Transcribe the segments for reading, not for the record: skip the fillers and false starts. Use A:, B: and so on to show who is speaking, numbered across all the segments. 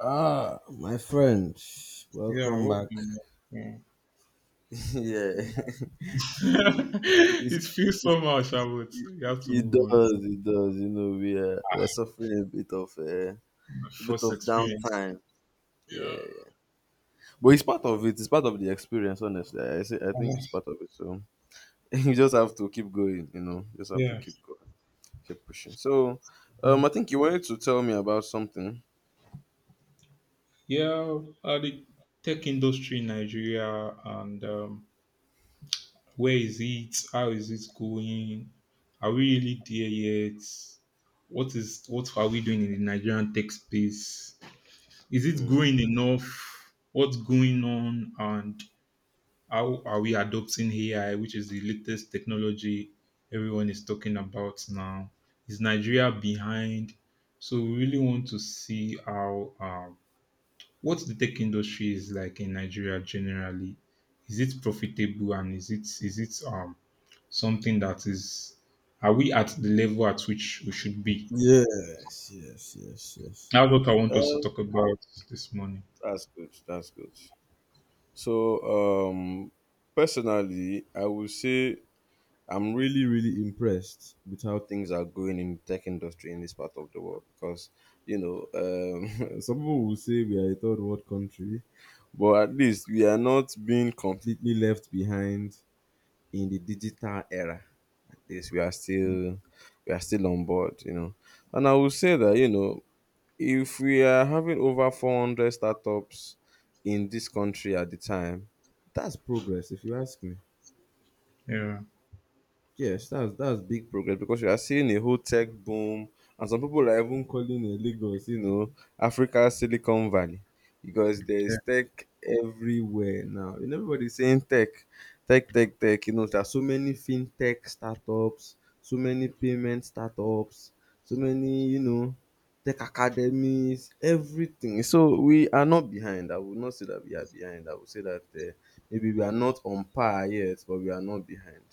A: Ah, my friend,
B: Yeah,
A: welcome back.
B: welcome. Yeah.
A: yeah, it's,
B: it feels
A: it's,
B: so much, I would. You have to
A: it
B: move on.
A: does. It does. You know, we are suffering a
B: My
A: bit
B: first
A: of
B: experience.
A: downtime. Yeah,
B: Yeah.
A: yeah, but it's part of it. It's part of the experience. Honestly, I say, I think it's
B: Uh,
A: part of it. So you just have to keep going. You know, just have to
B: Yeah.
A: keep going, keep pushing. So,
B: Mhm.
A: I think you wanted to tell me about something.
B: Yeah. The tech industry in Nigeria and where is it? How is it going? Are we really there yet? What are we doing in the Nigerian tech space? Is it
A: Hmm.
B: growing enough? What's going on? How are we adopting AI, which is the latest technology everyone is talking about now? Is Nigeria behind? So we really want to see how what the tech industry is like in Nigeria generally. Is it profitable and is it something that is are we at the level at which we should be?
A: Yes, yes, yes, yes.
B: That's what I want us to
A: Uh,
B: talk about this morning.
A: that's good. That's good. So personally, I would say I'm really, really impressed with how things are going in the tech industry in this part of the world because you know some people will say we are a third world country, but at least we are not being completely left behind in the digital era. This we are still on board, you know. And I would say that, you know, if we are having over 400 startups in this country at the time, that's progress, if you ask me.
B: Yeah,
A: Yes, that's big progress because you are seeing a whole tech boom, and some people are even calling it Lagos, you know, Africa Silicon Valley, because there is
B: yeah,
A: tech everywhere now. And everybody's saying tech, tech. You know, there are so many fintech startups, so many payment startups, so many, you know, tech academies, everything. So we are not behind. I would not say that we are behind. I would say that maybe we are not on par yet, but we are not behind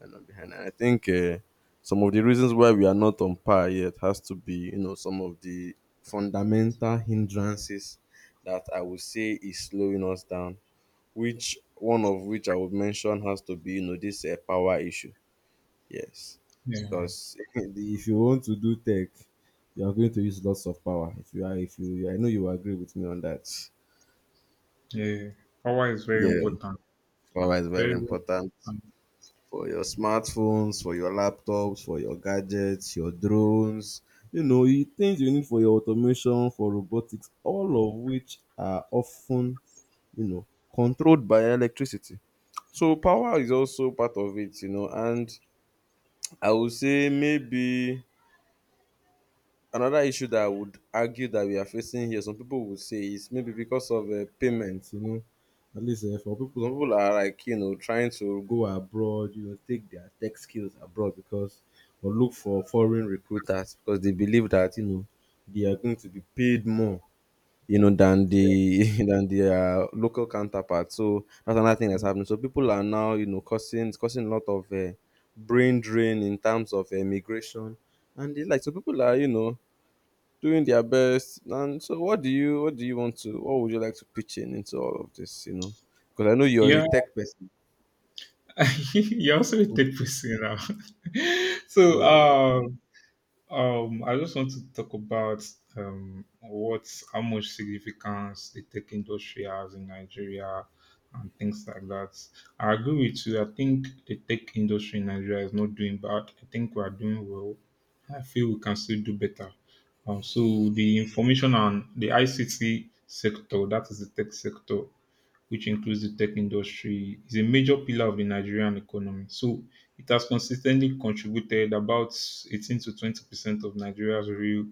A: And I think some of the reasons why we are not on par yet has to be, you know, some of the fundamental hindrances that I would say is slowing us down. Which one of which I would mention has to be, you know, this power issue. Yes,
B: yeah,
A: because if you want to do tech, you are going to use lots of power. If you are, if you, I know you agree with me on that.
B: yeah. Power is very
A: Yeah,
B: important.
A: power is very
B: Very, very
A: important for your smartphones, for your laptops, for your gadgets, your drones, you know, you things you need for your automation, for robotics, all of which are often, you know, controlled by electricity. So power is also part of it, you know. And I would say maybe another issue that I would argue that we are facing here, some people would say is maybe because of payments, you know. At least, for people, some people are like, you know, trying to go abroad, you know, take their tech skills abroad or look for foreign recruiters because they believe that, you know, they are going to be paid more, you know, than the than their local counterparts. So that's another thing that's
B: important.
A: happening. So people are now, you know, causing it's causing a lot of brain drain in terms of immigration, and it's like so people are, you know, doing their best. And so, what would you like to pitch in into all of this? You know, because I know you're a
B: Yeah.
A: tech person.
B: you are also a tech person now. so
A: Yeah.
B: um um I just want to talk about what how much significance the tech industry has in Nigeria and things like that. I agree with you. I think the tech industry in Nigeria is not doing bad. I think we are doing well. I feel we can still do better. So the information and the ICT sector, that is the tech sector, which includes the tech industry, is a major pillar of the Nigerian economy. So it has consistently contributed about 18 to 20% of Nigeria's real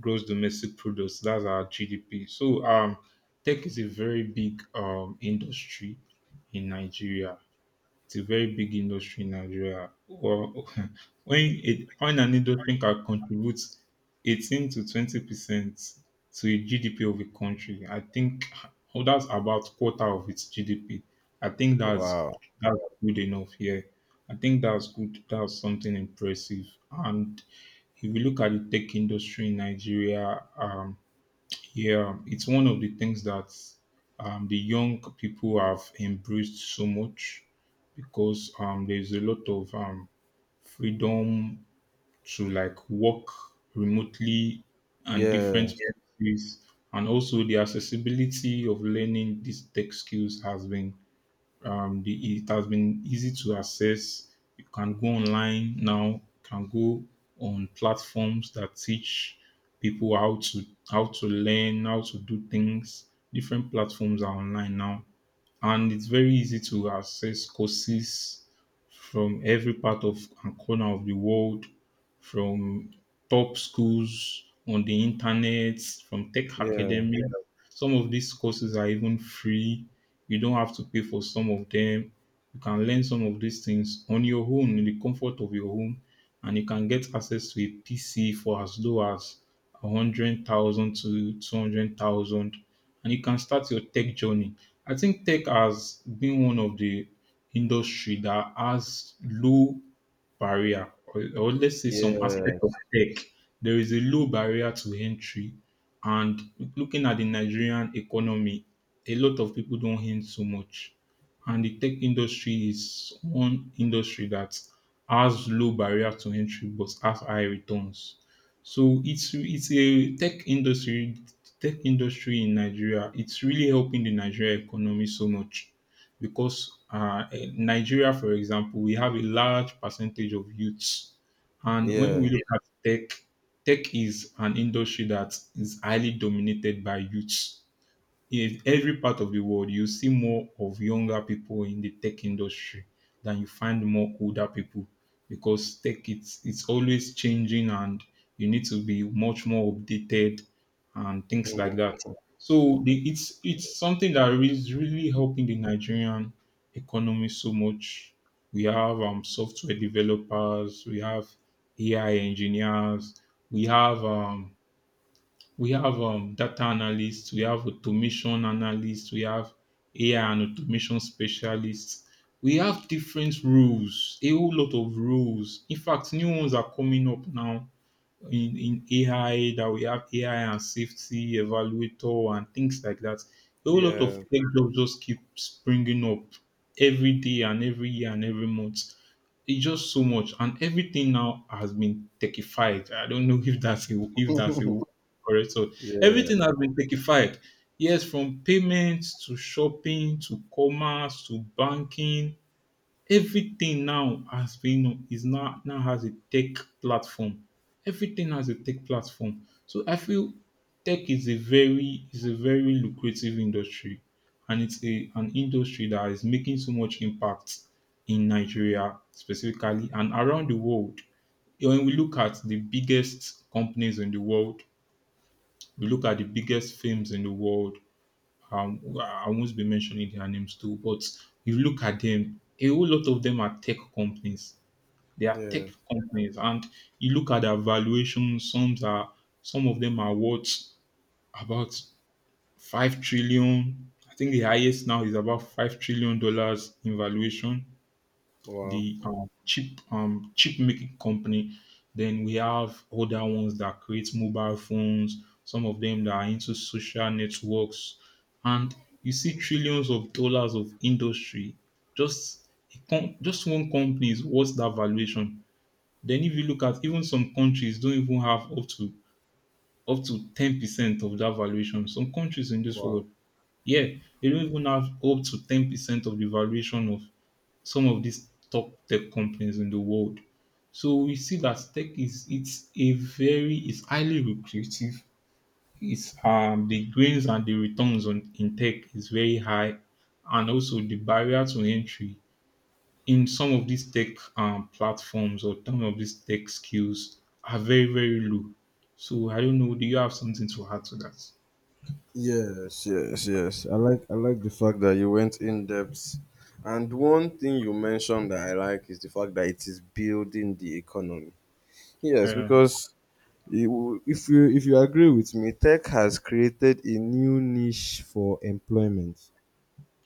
B: gross domestic products. That's our GDP. So tech is a very big industry in Nigeria. It's a very big industry in Nigeria. Well, when an industry can contribute 18 to 20% to the GDP of a country, I think oh, that's about quarter of its GDP. I think that's
A: Wow.
B: that's good enough here. I think that's good. That's something impressive. And if you look at the tech industry in Nigeria, yeah, it's one of the things that the young people have embraced so much because there's a lot of freedom to like work remotely and different Yeah.
A: Yes.
B: places, and also the accessibility of learning these tech skills has been it has been easy to access. You can go online now, can go on platforms that teach people how to learn, how to do things. Different platforms are online now and it's very easy to access courses from every part of and corner of the world, from top schools on the internet, from tech
A: Yeah.
B: academic. Yeah. Some of these courses are even free. You don't have to pay for some of them. You can learn some of these things on your own in the comfort of your home and you can get access to a PC for as low as 100,000 to 200,000 and you can start your tech journey. I think tech has been one of the industry that has low barrier, or let's say some aspect of
A: Yes.
B: tech. There is a low barrier to entry and looking at the Nigerian economy, a lot of people don't earn so much. And the tech industry is one industry that has low barrier to entry but has high returns. So it's a tech industry in Nigeria. It's really helping the Nigeria economy so much because in Nigeria, for example, we have a large percentage of youths, and when
A: Yeah.
B: we look at tech, tech is an industry that is highly dominated by youths in every part of the world, you see more of younger people in the tech industry than you find more older people because tech it's always changing and you need to be much more updated and things like
A: Mm.
B: that. So it's something that is really helping the Nigerian economy so much. We have software developers, we have AI engineers, we have um, we have data analysts, we have automation analysts, we have AI and automation specialists. We have different rules, a whole lot of rules. In fact, new ones are coming up now in AI that we have AI and safety evaluator and things like that. A whole lot of
A: Yeah.
B: tech jobs just keep springing up every day and every year and every month. It's just so much, and everything now has been techified. I don't know if that's a word correct. So everything
A: Yeah.
B: has been techified. Yes, from payments to shopping to commerce to banking everything now has been is now now has a tech platform. Everything has a tech platform. So I feel tech is a very lucrative industry, and it's a an industry that is making so much impact in Nigeria specifically and around the world. When we look at the biggest companies in the world, we look at the biggest firms in the world, I won't be mentioning their names too, but you look at them, a whole lot of them are tech companies. They are tech
A: Yeah.
B: companies, and you look at their valuation. Some of them are worth about 5 trillion. I think the highest now is about $5 trillion in valuation
A: Wow.
B: the chip making company. Then we have other ones that create mobile phones. Some of them that are into social networks, and you see trillions of dollars of industry. Just just one company is worth that valuation. Then if you look at even some countries don't even have up to 10% of that valuation. Some countries in this
A: Wow.
B: world, yeah, they don't even have up to 10% of the valuation of some of these top tech companies in the world. So we see that tech is it's a very it's highly lucrative. It's the gains and the returns on in tech is very high, and also the barrier to entry in some of these tech platforms or some of these tech skills are very very low. So I don't know. Do you have something to add to that?
A: Yes. Yes. Yes. I like the fact that you went in depth. And one thing you mentioned that I like is the fact that it is building the economy. Yes,
B: Yeah.
A: because if you agree with me, tech has created a new niche for employment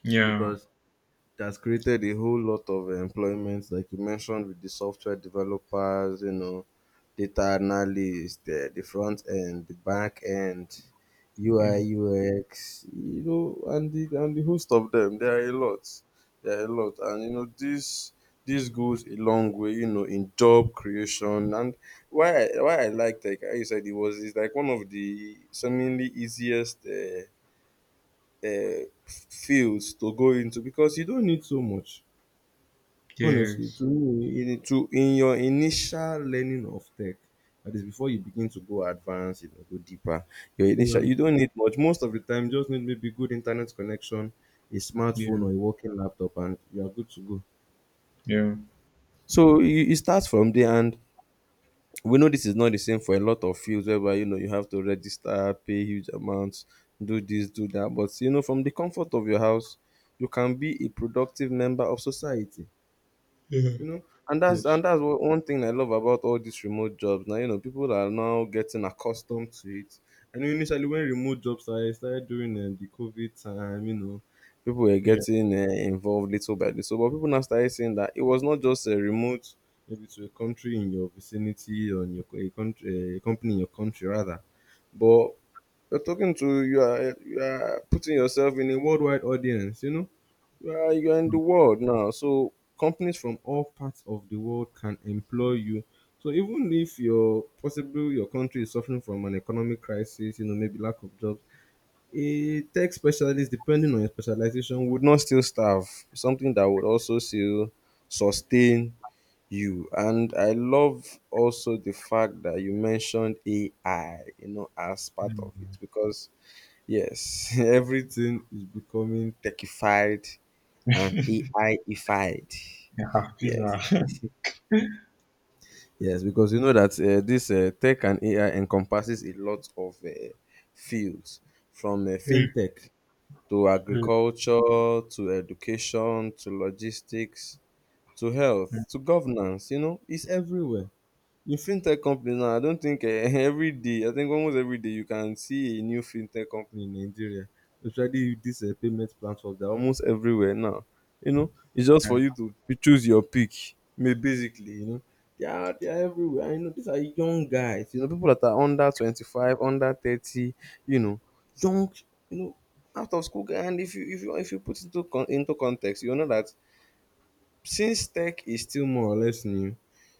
B: Yeah.
A: because that's created a whole lot of employment, like you mentioned, with the software developers, you know, data analysts, the front end, the back end, UI,
B: Yeah.
A: UX, you know, and the host of them. There are a lot. There are a lot, and you know, this goes a long way, you know, in job creation. And why I like tech, how said it was, it's like one of the seemingly easiest fields to go into because you don't need so much. Honestly,
B: Yes.
A: to me, in your initial learning of tech, that is before you begin to go advanced, you know, go deeper. Your initial,
B: Yeah.
A: you don't need much. Most of the time, you just need maybe good internet connection, a smartphone
B: Yeah.
A: or a working laptop, and you are good to go.
B: Yeah.
A: So you start from there, and we know this is not the same for a lot of fields whereby, you know, you have to register, pay huge amounts, do this, do that. But, you know, from the comfort of your house, you can be a productive member of society,
B: Yeah.
A: you know. And
B: Yes.
A: that's what one thing I love about all these remote jobs now. You know, people are now getting accustomed to it. I know initially when remote jobs started during the COVID time, you know, people were
B: Yeah.
A: getting involved little by little, but people now started saying that it was not just a remote maybe to a country in your vicinity or in your a company in your country rather. But you're talking to you are putting yourself in a worldwide audience, you know. Well, you're in the world now, so companies from all parts of the world can employ you. So even if your possibly your country is suffering from an economic crisis, you know, maybe lack of jobs, a tech specialist, depending on your specialization, would not still starve. Something that would also still sustain you. And I love also the fact that you mentioned AI, you know, as part of
B: Mm.
A: it because yes, everything is becoming techified and AI-ified.
B: Yeah, pizza.
A: Yes. Yes, because you know that this tech and AI encompasses a lot of fields from
B: Yeah,
A: fintech to
B: yeah,
A: agriculture to education to logistics to health to governance. You know, it's everywhere. In fintech companies now, I don't think every day, I think almost every day you can see a new fintech company in Nigeria, especially with this payment platform. They're almost everywhere now. You know, it's just for you
B: yeah,
A: to choose your pick. I mean, basically, you know, they are everywhere. I know these are young guys, you know, people that are under 25, under 30, you know, young, you know, out of school guy. And if you put into into context, you know that since tech is still more or less new,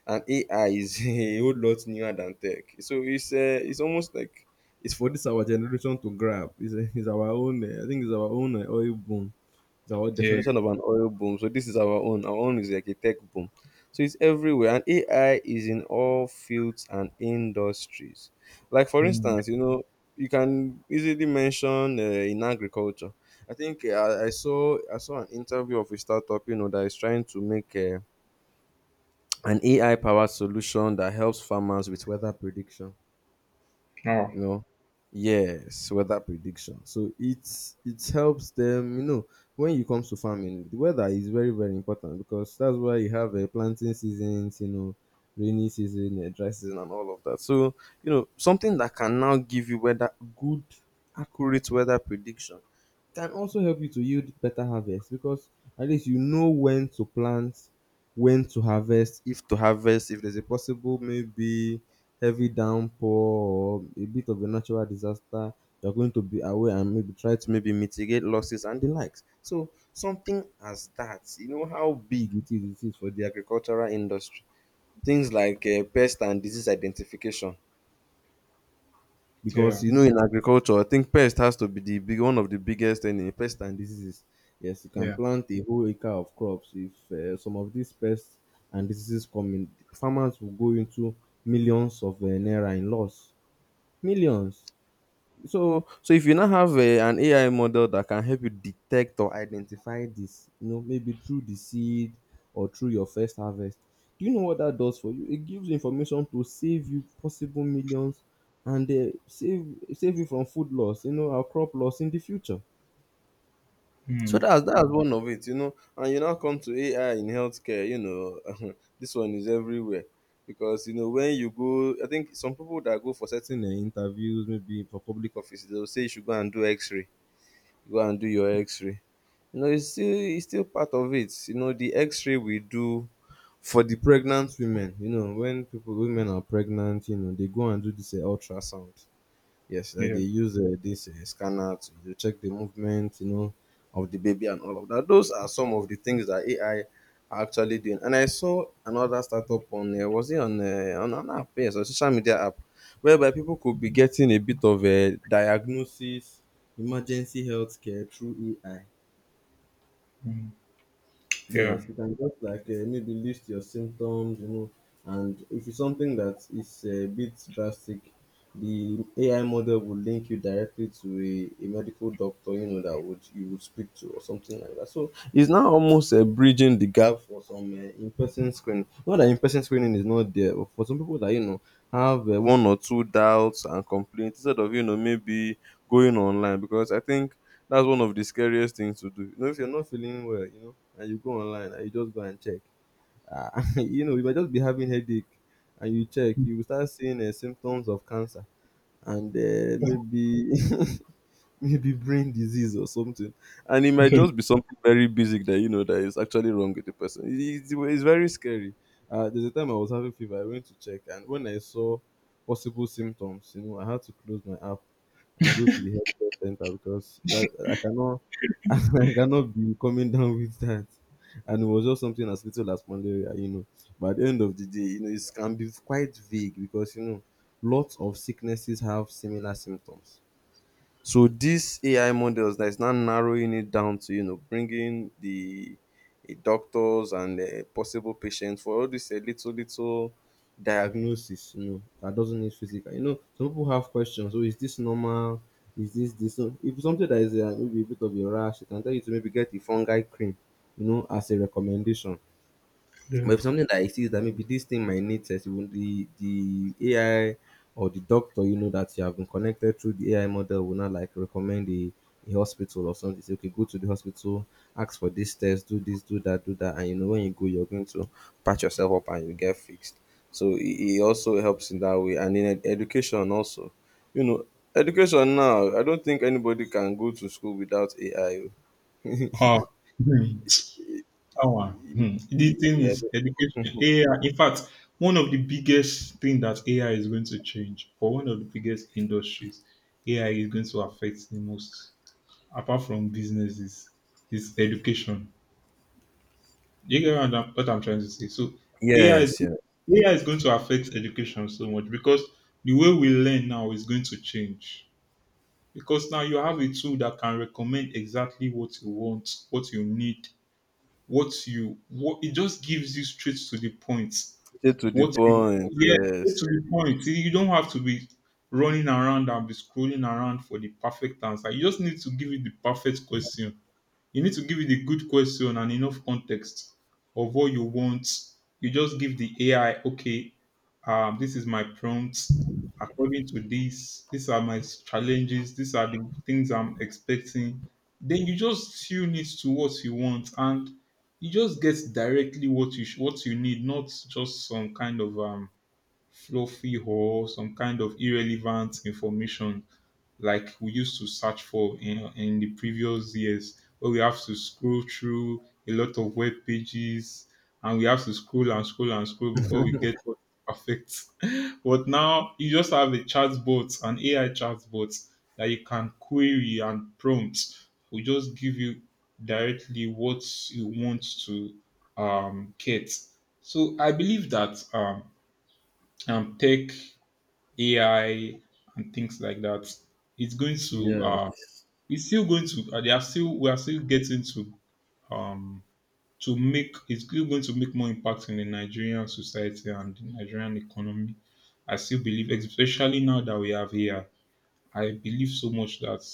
A: and AI is a whole lot newer than tech, so it's almost like it's for this our generation to grab. It's our own. I think it's our own oil boom. It's our
B: yeah.
A: definition of an oil boom. So this is our own. Our own is like a tech boom. So it's everywhere, and AI is in all fields and industries. Like for
B: Mm.
A: instance, you know, you can easily mention in agriculture. I think I saw an interview of a startup, you know, that is trying to make an AI powered solution that helps farmers with weather prediction.
B: Oh,
A: You know, yes, weather prediction. So it's it helps them, you know, when it comes to farming. The weather is very, very important because that's why you have a planting seasons, you know, rainy season, a dry season, and all of that. So, you know, something that can now give you weather, good, accurate weather prediction can also help you to yield better harvest because at least you know when to plant, when to harvest, if there's a possible maybe heavy downpour or a bit of a natural disaster, you're going to be aware and maybe try to maybe mitigate losses and the likes. So something as that, you know how big it is for the agricultural industry. Things like pest and disease identification. Because
B: yeah,
A: you know in agriculture, I think pest has to be the big one of the biggest enemy, pest and diseases. Yes, you can
B: yeah.
A: plant a whole acre of crops. If some of these pests and diseases come in, farmers will go into millions of naira in loss, millions. So so if you now have an AI model that can help you detect or identify this, you know, maybe through the seed or through your first harvest, do you know what that does for you? It gives information to save you possible millions and save you from food loss, you know, or crop loss in the future. So
B: Mm.
A: that's one of it, you know. And you now come to AI in healthcare, you know, this one is everywhere because you know when you go, I think some people that go for certain interviews, maybe for public offices, they'll say you should go and do X-ray, go and do your X-ray. You know, it's still part of it. You know, the X-ray we do for the pregnant women. You know, when people women are pregnant, you know, they go and do this ultrasound. Yes, I
B: Yeah,
A: dey use this scanner to, you know, check the movement, you know, of the baby and all of that. Those are some of the things that AI are actually doing. And I saw another startup on was it on an app, yes, a social media app, whereby people could be getting a bit of a diagnosis, emergency healthcare through AI.
B: mm. Yeah,
A: Yes, you can just like maybe list your symptoms, you know, and if it's something that is a bit drastic, the AI model will link you directly to a medical doctor, you know, that would you would speak to or something like that. So it's now almost bridging the gap for some in-person screening. Not that in-person screening is not there, but for some people that, you know, have one or two doubts and complaints instead of, you know, maybe going online because I think that's one of the scariest things to do. You know, if you're not feeling well, you know, and you go online and you just go and check, ah, you know, you might just be having headache, and you check, you will start seeing symptoms of cancer and maybe maybe brain disease or something, and it might just be something very basic that, you know, that is actually wrong with the person. It's very scary. There's a time I was having fever, I went to check, and when I saw possible symptoms, you know, I had to close my app and go to the healthcare center because that I cannot, I cannot be coming down with that. And it was just something as little as malaria, you know. But at the end of the day, you know, it can be quite vague because, you know, lots of sicknesses have similar symptoms. So these AI models that is now narrowing it down to, you know, bringing the doctors and possible patients for all these little, little diagnosis, you know, that doesn't need physical. You know, some people have questions. So is this normal? Is this this? So if something that is maybe a bit of a rash, it can tell you to maybe get the fungi cream, you know, as a recommendation.
B: yeah.
A: But if something that exists that maybe this thing might need test, even the AI or the doctor, you know that you have been connected through the AI model will not like recommend a hospital or something. Say, okay, go to the hospital, ask for this test, do this, do that, do that, and you know when you go, you're going to patch yourself up and you get fixed. So it also helps in that way, and in education also, you know, education now. I don't think anybody can go to school without AI. Oh.
B: Oh, hmm. That one. Hmm. The thing
A: I.
B: is education. AI. In fact, one of the biggest thing that AI is going to change, or one of the biggest industries AI is going to affect the most, apart from businesses, is education. Do you get what I'm trying to say? So AI is
A: Yes, yeah.
B: AI is going to affect education so much because the way we learn now is going to change. Because now you have a tool that can recommend exactly what you want, what you need, what it just gives you straight to the point.
A: Straight to the
B: What you
A: point.
B: yeah, straight
A: Yes.
B: to the point. You don't have to be running around and be scrolling around for the perfect answer. You just need to give it the perfect question you need to give it a good question and enough context of what you want. You just give the AI, okay, this is my prompt. According to this, these are my challenges. These are the things I'm expecting. Then you just tune it to what you want, and you just get directly what you need, not just some kind of fluffy or some kind of irrelevant information like we used to search for in the previous years, where we have to scroll through a lot of web pages and we have to scroll before we get what's perfect. but now you just have a chatbot, an AI chatbot that you can query and prompt. We just give you directly what you want to get. So I believe that tech AI and things like that, it's going to uh
A: Yes,
B: it's still going to they are still we are still getting um to make it's still going to make more impact in the Nigerian society and the Nigerian economy. I still believe, especially now that we have AI, I believe so much that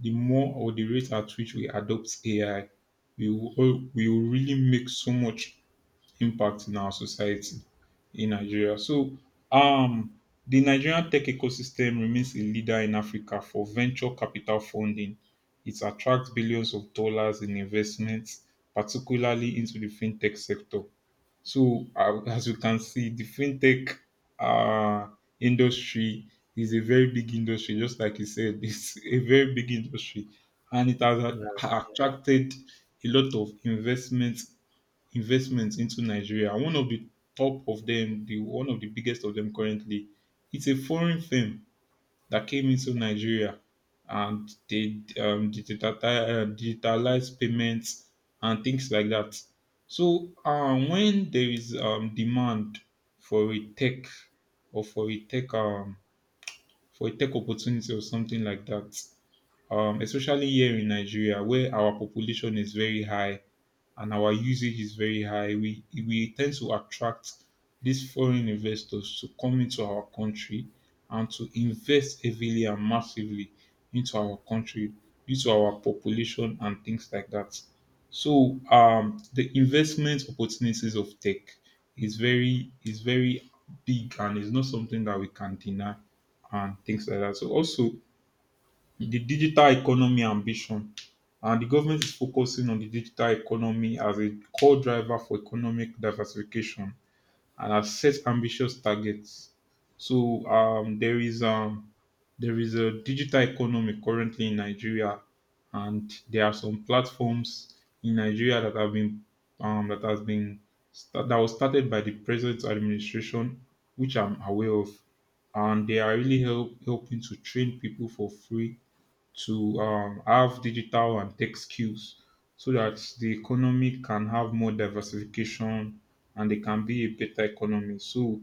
B: the more or the rate at which we adopt AI, we will really make so much impact in our society in Nigeria. So, um, the Nigerian tech ecosystem remains a leader in Africa for venture capital funding. It attracts billions of dollars in investments, particularly into the fintech sector. So, as you can see, the fintech uh, industry is a very big industry, just like you said, it's a very big industry, and it has
A: yes,
B: attracted a lot of investments into Nigeria. One of the one of the biggest of them currently, it's a foreign firm that came into Nigeria and they digitalized payments and things like that. So when there is demand for a tech or for a tech um, for a tech opportunity or something like that, especially here in Nigeria where our population is very high and our usage is very high, we tend to attract these foreign investors to come into our country and to invest heavily and massively into our country due to our population and things like that. So the investment opportunities of tech is very big, and it's not something that we can deny and things like that. So also the digital economy ambition. And the government is focusing on the digital economy as a core driver for economic diversification and has set ambitious targets. So there is a digital economy currently in Nigeria, and there are some platforms in Nigeria that have been um, that has been that was started by the present administration, which I'm aware of, and they are really helping to train people for free to have digital and tech skills so that the economy can have more diversification and they can be a better economy. So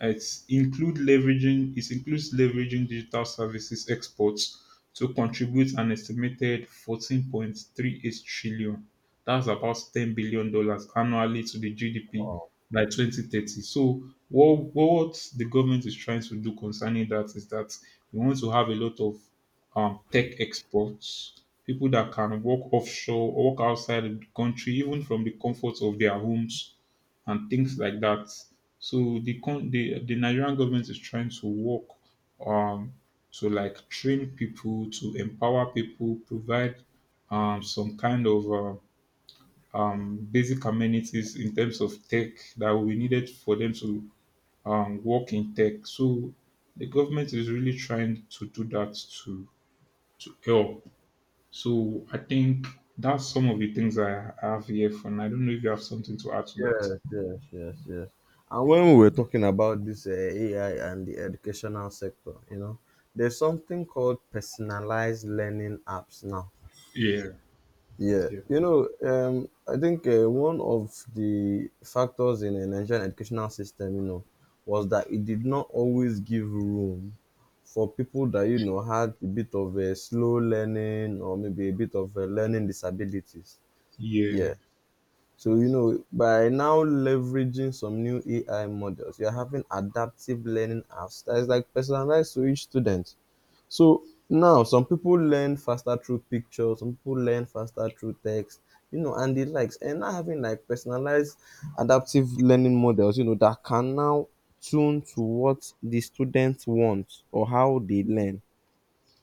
B: it includes leveraging digital services exports to contribute an estimated 14.38 trillion. That's about 10 billion dollars annually to the GDP by 2030. So what the government is trying to do concerning that is that we want to have a lot of tech exports, people that can work offshore, work outside of the country, even from the comfort of their homes and things like that. So the con the Nigerian government is trying to work um to like train people, to empower people, provide some kind of basic amenities in terms of tech that will be needed for them to work in tech. So the government is really trying to do that to help. So I think that's some of the things I have here for now. I don't know if you have something to add to that.
A: yes, yes, yes, yes. And when we were talking about this AI and the educational sector, you know, there's something called personalized learning apps now.
B: Yeah,
A: Yeah,
B: yeah,
A: you know, I think one of the factors in the Nigerian educational system, you know, was that it did not always give room for people that, you know, had a bit of a slow learning or maybe a bit of a learning disabilities.
B: yeah,
A: Yeah. So, you
B: yes,
A: know, by now leveraging some new AI models, you're having adaptive learning apps that is like personalized to each student. So now some people learn faster through pictures, some people learn faster through text, you know, and the likes. And now having like personalized adaptive learning models, you know, that can now tune to what the students want or how they learn.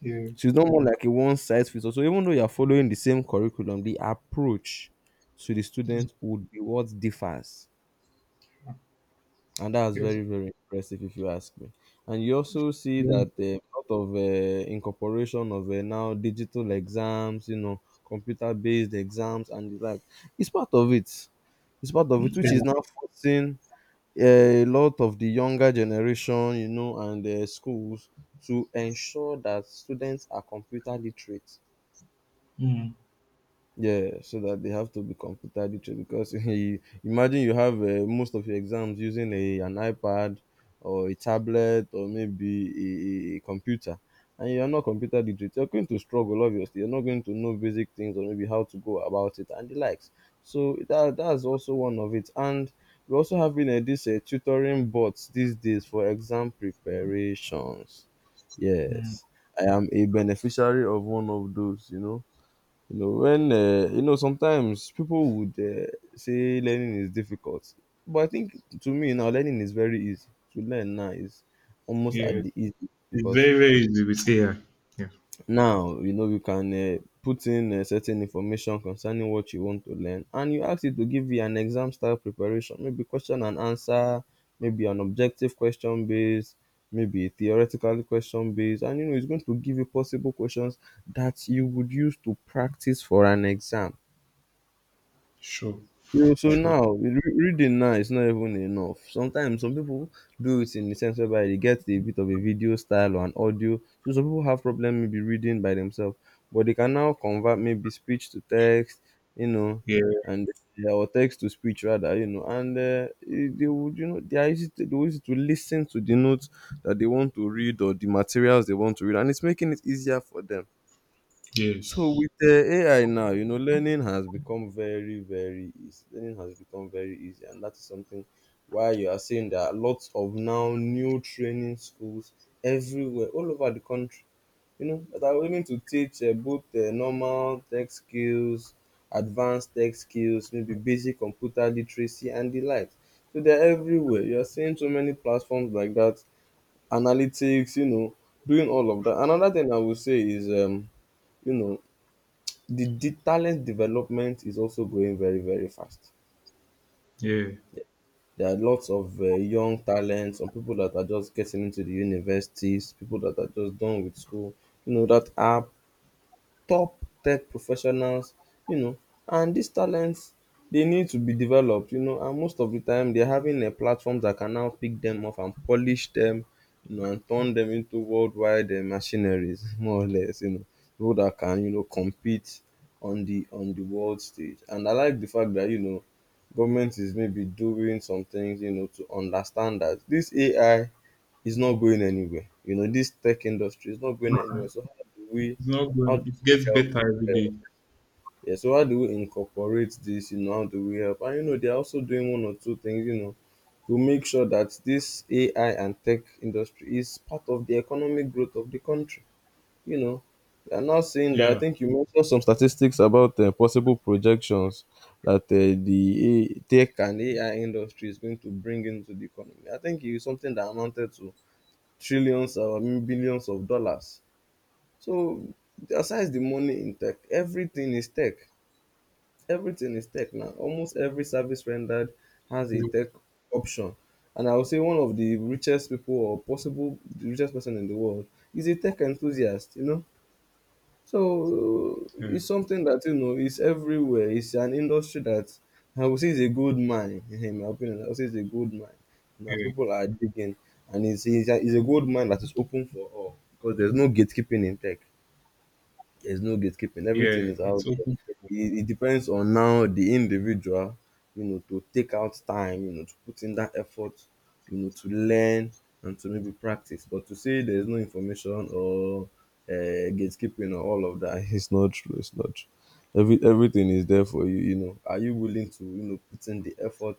B: yeah.
A: She's not more like a one size fits all. So even though you're following the same curriculum, the approach to the student would be what differs. And that's
B: Yes.
A: very, very impressive if you ask me. And you also see
B: Mm.
A: that a lot of incorporation of now digital exams, you know, computer based exams and the like. It's part of it. It's part of it, which is
B: Yeah.
A: now forcing a lot of the younger generation, you know, and schools to ensure that students are computer literate.
B: Mm,
A: Yeah, so that they have to be computer literate because you, imagine you have most of your exams using a an iPad or a tablet or maybe a computer, and you are not computer literate. You're going to struggle, obviously. You're not going to know basic things or maybe how to go about it and the likes. So that that's also one of it. And we're also having this tutoring bots these days for exam preparations.
B: mm.
A: Yes, I am a beneficiary of one of those. You know, when you know, sometimes people would say learning is difficult, but I think to me now learning is very easy. To learn now is almost at
B: Yes.
A: the easy
B: It's
A: because
B: very, very easy with AI. Yeah.
A: now you know you can put in certain information concerning what you want to learn, and you ask it to give you an exam style preparation, maybe question and answer, maybe an objective question based, maybe a theoretical question based, and you know it's going to give you possible questions that you would use to practice for an exam.
B: Sure,
A: So, so
B: sure.
A: now reading now is not even enough. Sometimes some people do it in the sense whereby they get a bit of a video style or an audio. So some people have problem maybe reading by themselves, but they can now convert maybe speech to text, you know,
B: Yeah.
A: and yeah, or text to speech rather, you know, and it- they would, you know, they were easy to listen to the notes that they want to read or the materials they want to read, and it's making it easier for them. So
B: Yes.
A: with the AI now, you know, learning has become very, very easy. Learning has become very easy, and that is something why you are seeing there are lots of now new training schools everywhere, all over the country. You know, that are willing to teach both normal tech skills, advanced tech skills, maybe basic computer literacy, and the like. So they're everywhere. You are seeing so many platforms like that, analytics. You know, doing all of that. Another thing I would say is, you know, the talent development is also growing very, very fast.
B: Yeah.
A: There are lots of young talents, some people that are just getting into the universities, people that are just done with school. You know, that are top tech professionals um and dis talents dey need to be developed and most of the time they're having a platform that can now pick them up and polish them, you know, and turn them into worldwide machineries, more or less, you know, people that can, you know, compete on the world stage. And I like the fact that, you know, government is maybe doing some things, you know, to understand that this AI is not going anywhere, you know, this tech industry is not going anywhere, so how do we.
B: It's not
A: How
B: going.
A: do
B: It
A: we
B: gets
A: help?
B: better every
A: Yeah.
B: day.
A: Yeah, so how do we incorporate this? You know, how do we help? And you know, they're also doing one or two things, you know, to make sure that this AI and tech industry is part of the economic growth of the country. You know, they are now saying that I
B: Yeah.
A: think you mentioned some statistics about possible projections that the tech and AI industry is going to bring into the economy. I think it's something that amounted to trillions or I mean, billions of dollars, so aside the money in tech, everything is tech. Everything is tech now. Almost every service rendered has a
B: Yeah.
A: tech option. And I would say one of the richest people or possible the richest person in the world is a tech enthusiast, you know. So
B: Yeah.
A: it's something that you know is everywhere. It's an industry that I would say is a gold mine, in my opinion. I would say it's a gold mine. Now
B: Yeah.
A: people are digging and it's a gold mine that is open for all because there's no gatekeeping in tech. There's no gatekeeping. Everything
B: Yeah.
A: is out
B: It's
A: there.
B: open.
A: It depends on now the individual, you know, to take out time, you know, to put in that effort, you know, to learn and to maybe practice. But to say there's no information or gatekeeping or all of that, it's not true. It's not true. Every everything is there for you. You know, are you willing to, you know, put in the effort?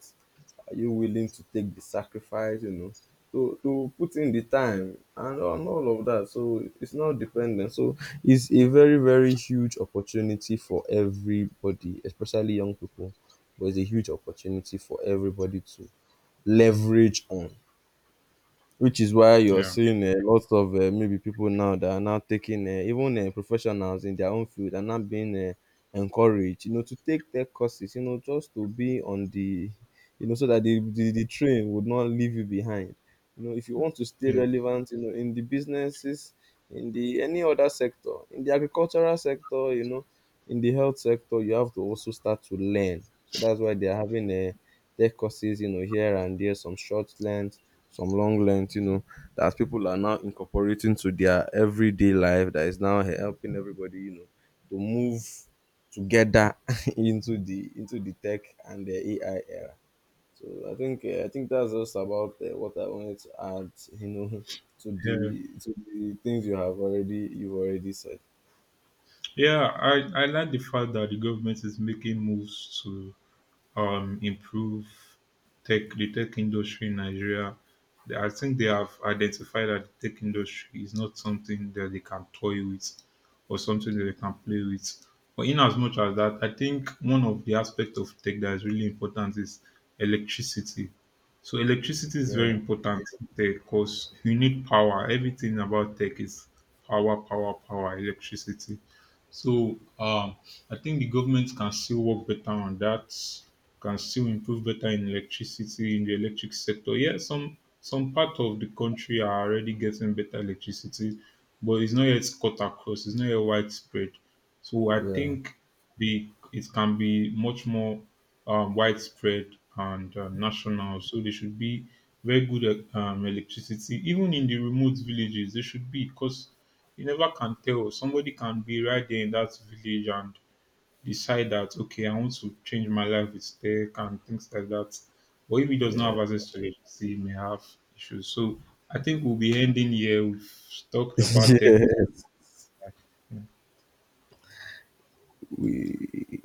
A: Are you willing to take the sacrifice? You know, to put in the time and on all of that. So it's not dependent. So it's a very very huge opportunity for everybody, especially young people. But it's a huge opportunity for everybody to leverage on, which is why you're
B: Yeah.
A: seeing a lot of maybe people now that are now taking even professionals in their own field are now being encouraged, you know, to take tech courses, you know, just to be on the, you know, so that the train would not leave you behind. You know, if you want to stay
B: Yeah.
A: relevant, you know, in the businesses, in the any other sector, in the agricultural sector, you know, in the health sector, you have to also start to learn. So that's why they are having tech courses, you know, here and there, some short length some long length, you know, that people are now incorporating to their everyday life that is now helping everybody, you know, to move together into the tech and the AI era. So I think that's just about what I wanted to add, you know,
B: Yeah.
A: to the things you have already you've already said.
B: Yeah. I like the fact that the government is making moves to improve tech the tech industry in Nigeria. They- I think they have identified that the tech industry is not something that they can toy with or something that they can play with. But in as much as that, I think one of the aspects of tech that is really important is electricity. So electricity is
A: Yeah,
B: very important because you need power. Everything about tech is power, power, power, electricity. So I think the government can still work better on that, can still improve better in electricity in the electric sector. Yeah, some part of the country are already getting better electricity, but it's not yet cut across, it's not yet widespread. So I
A: yeah,
B: think the it can be much more widespread and national. So there should be very good electricity, even in the remote villages. There should be because you never can tell. Somebody can be right there in that village and decide that, okay, I want to change my life with tech and things like that. But if he does
A: yeah.
B: not have access to it, he may have issues. So I think we'll be ending here. We've talked about tech.
A: Yeah. We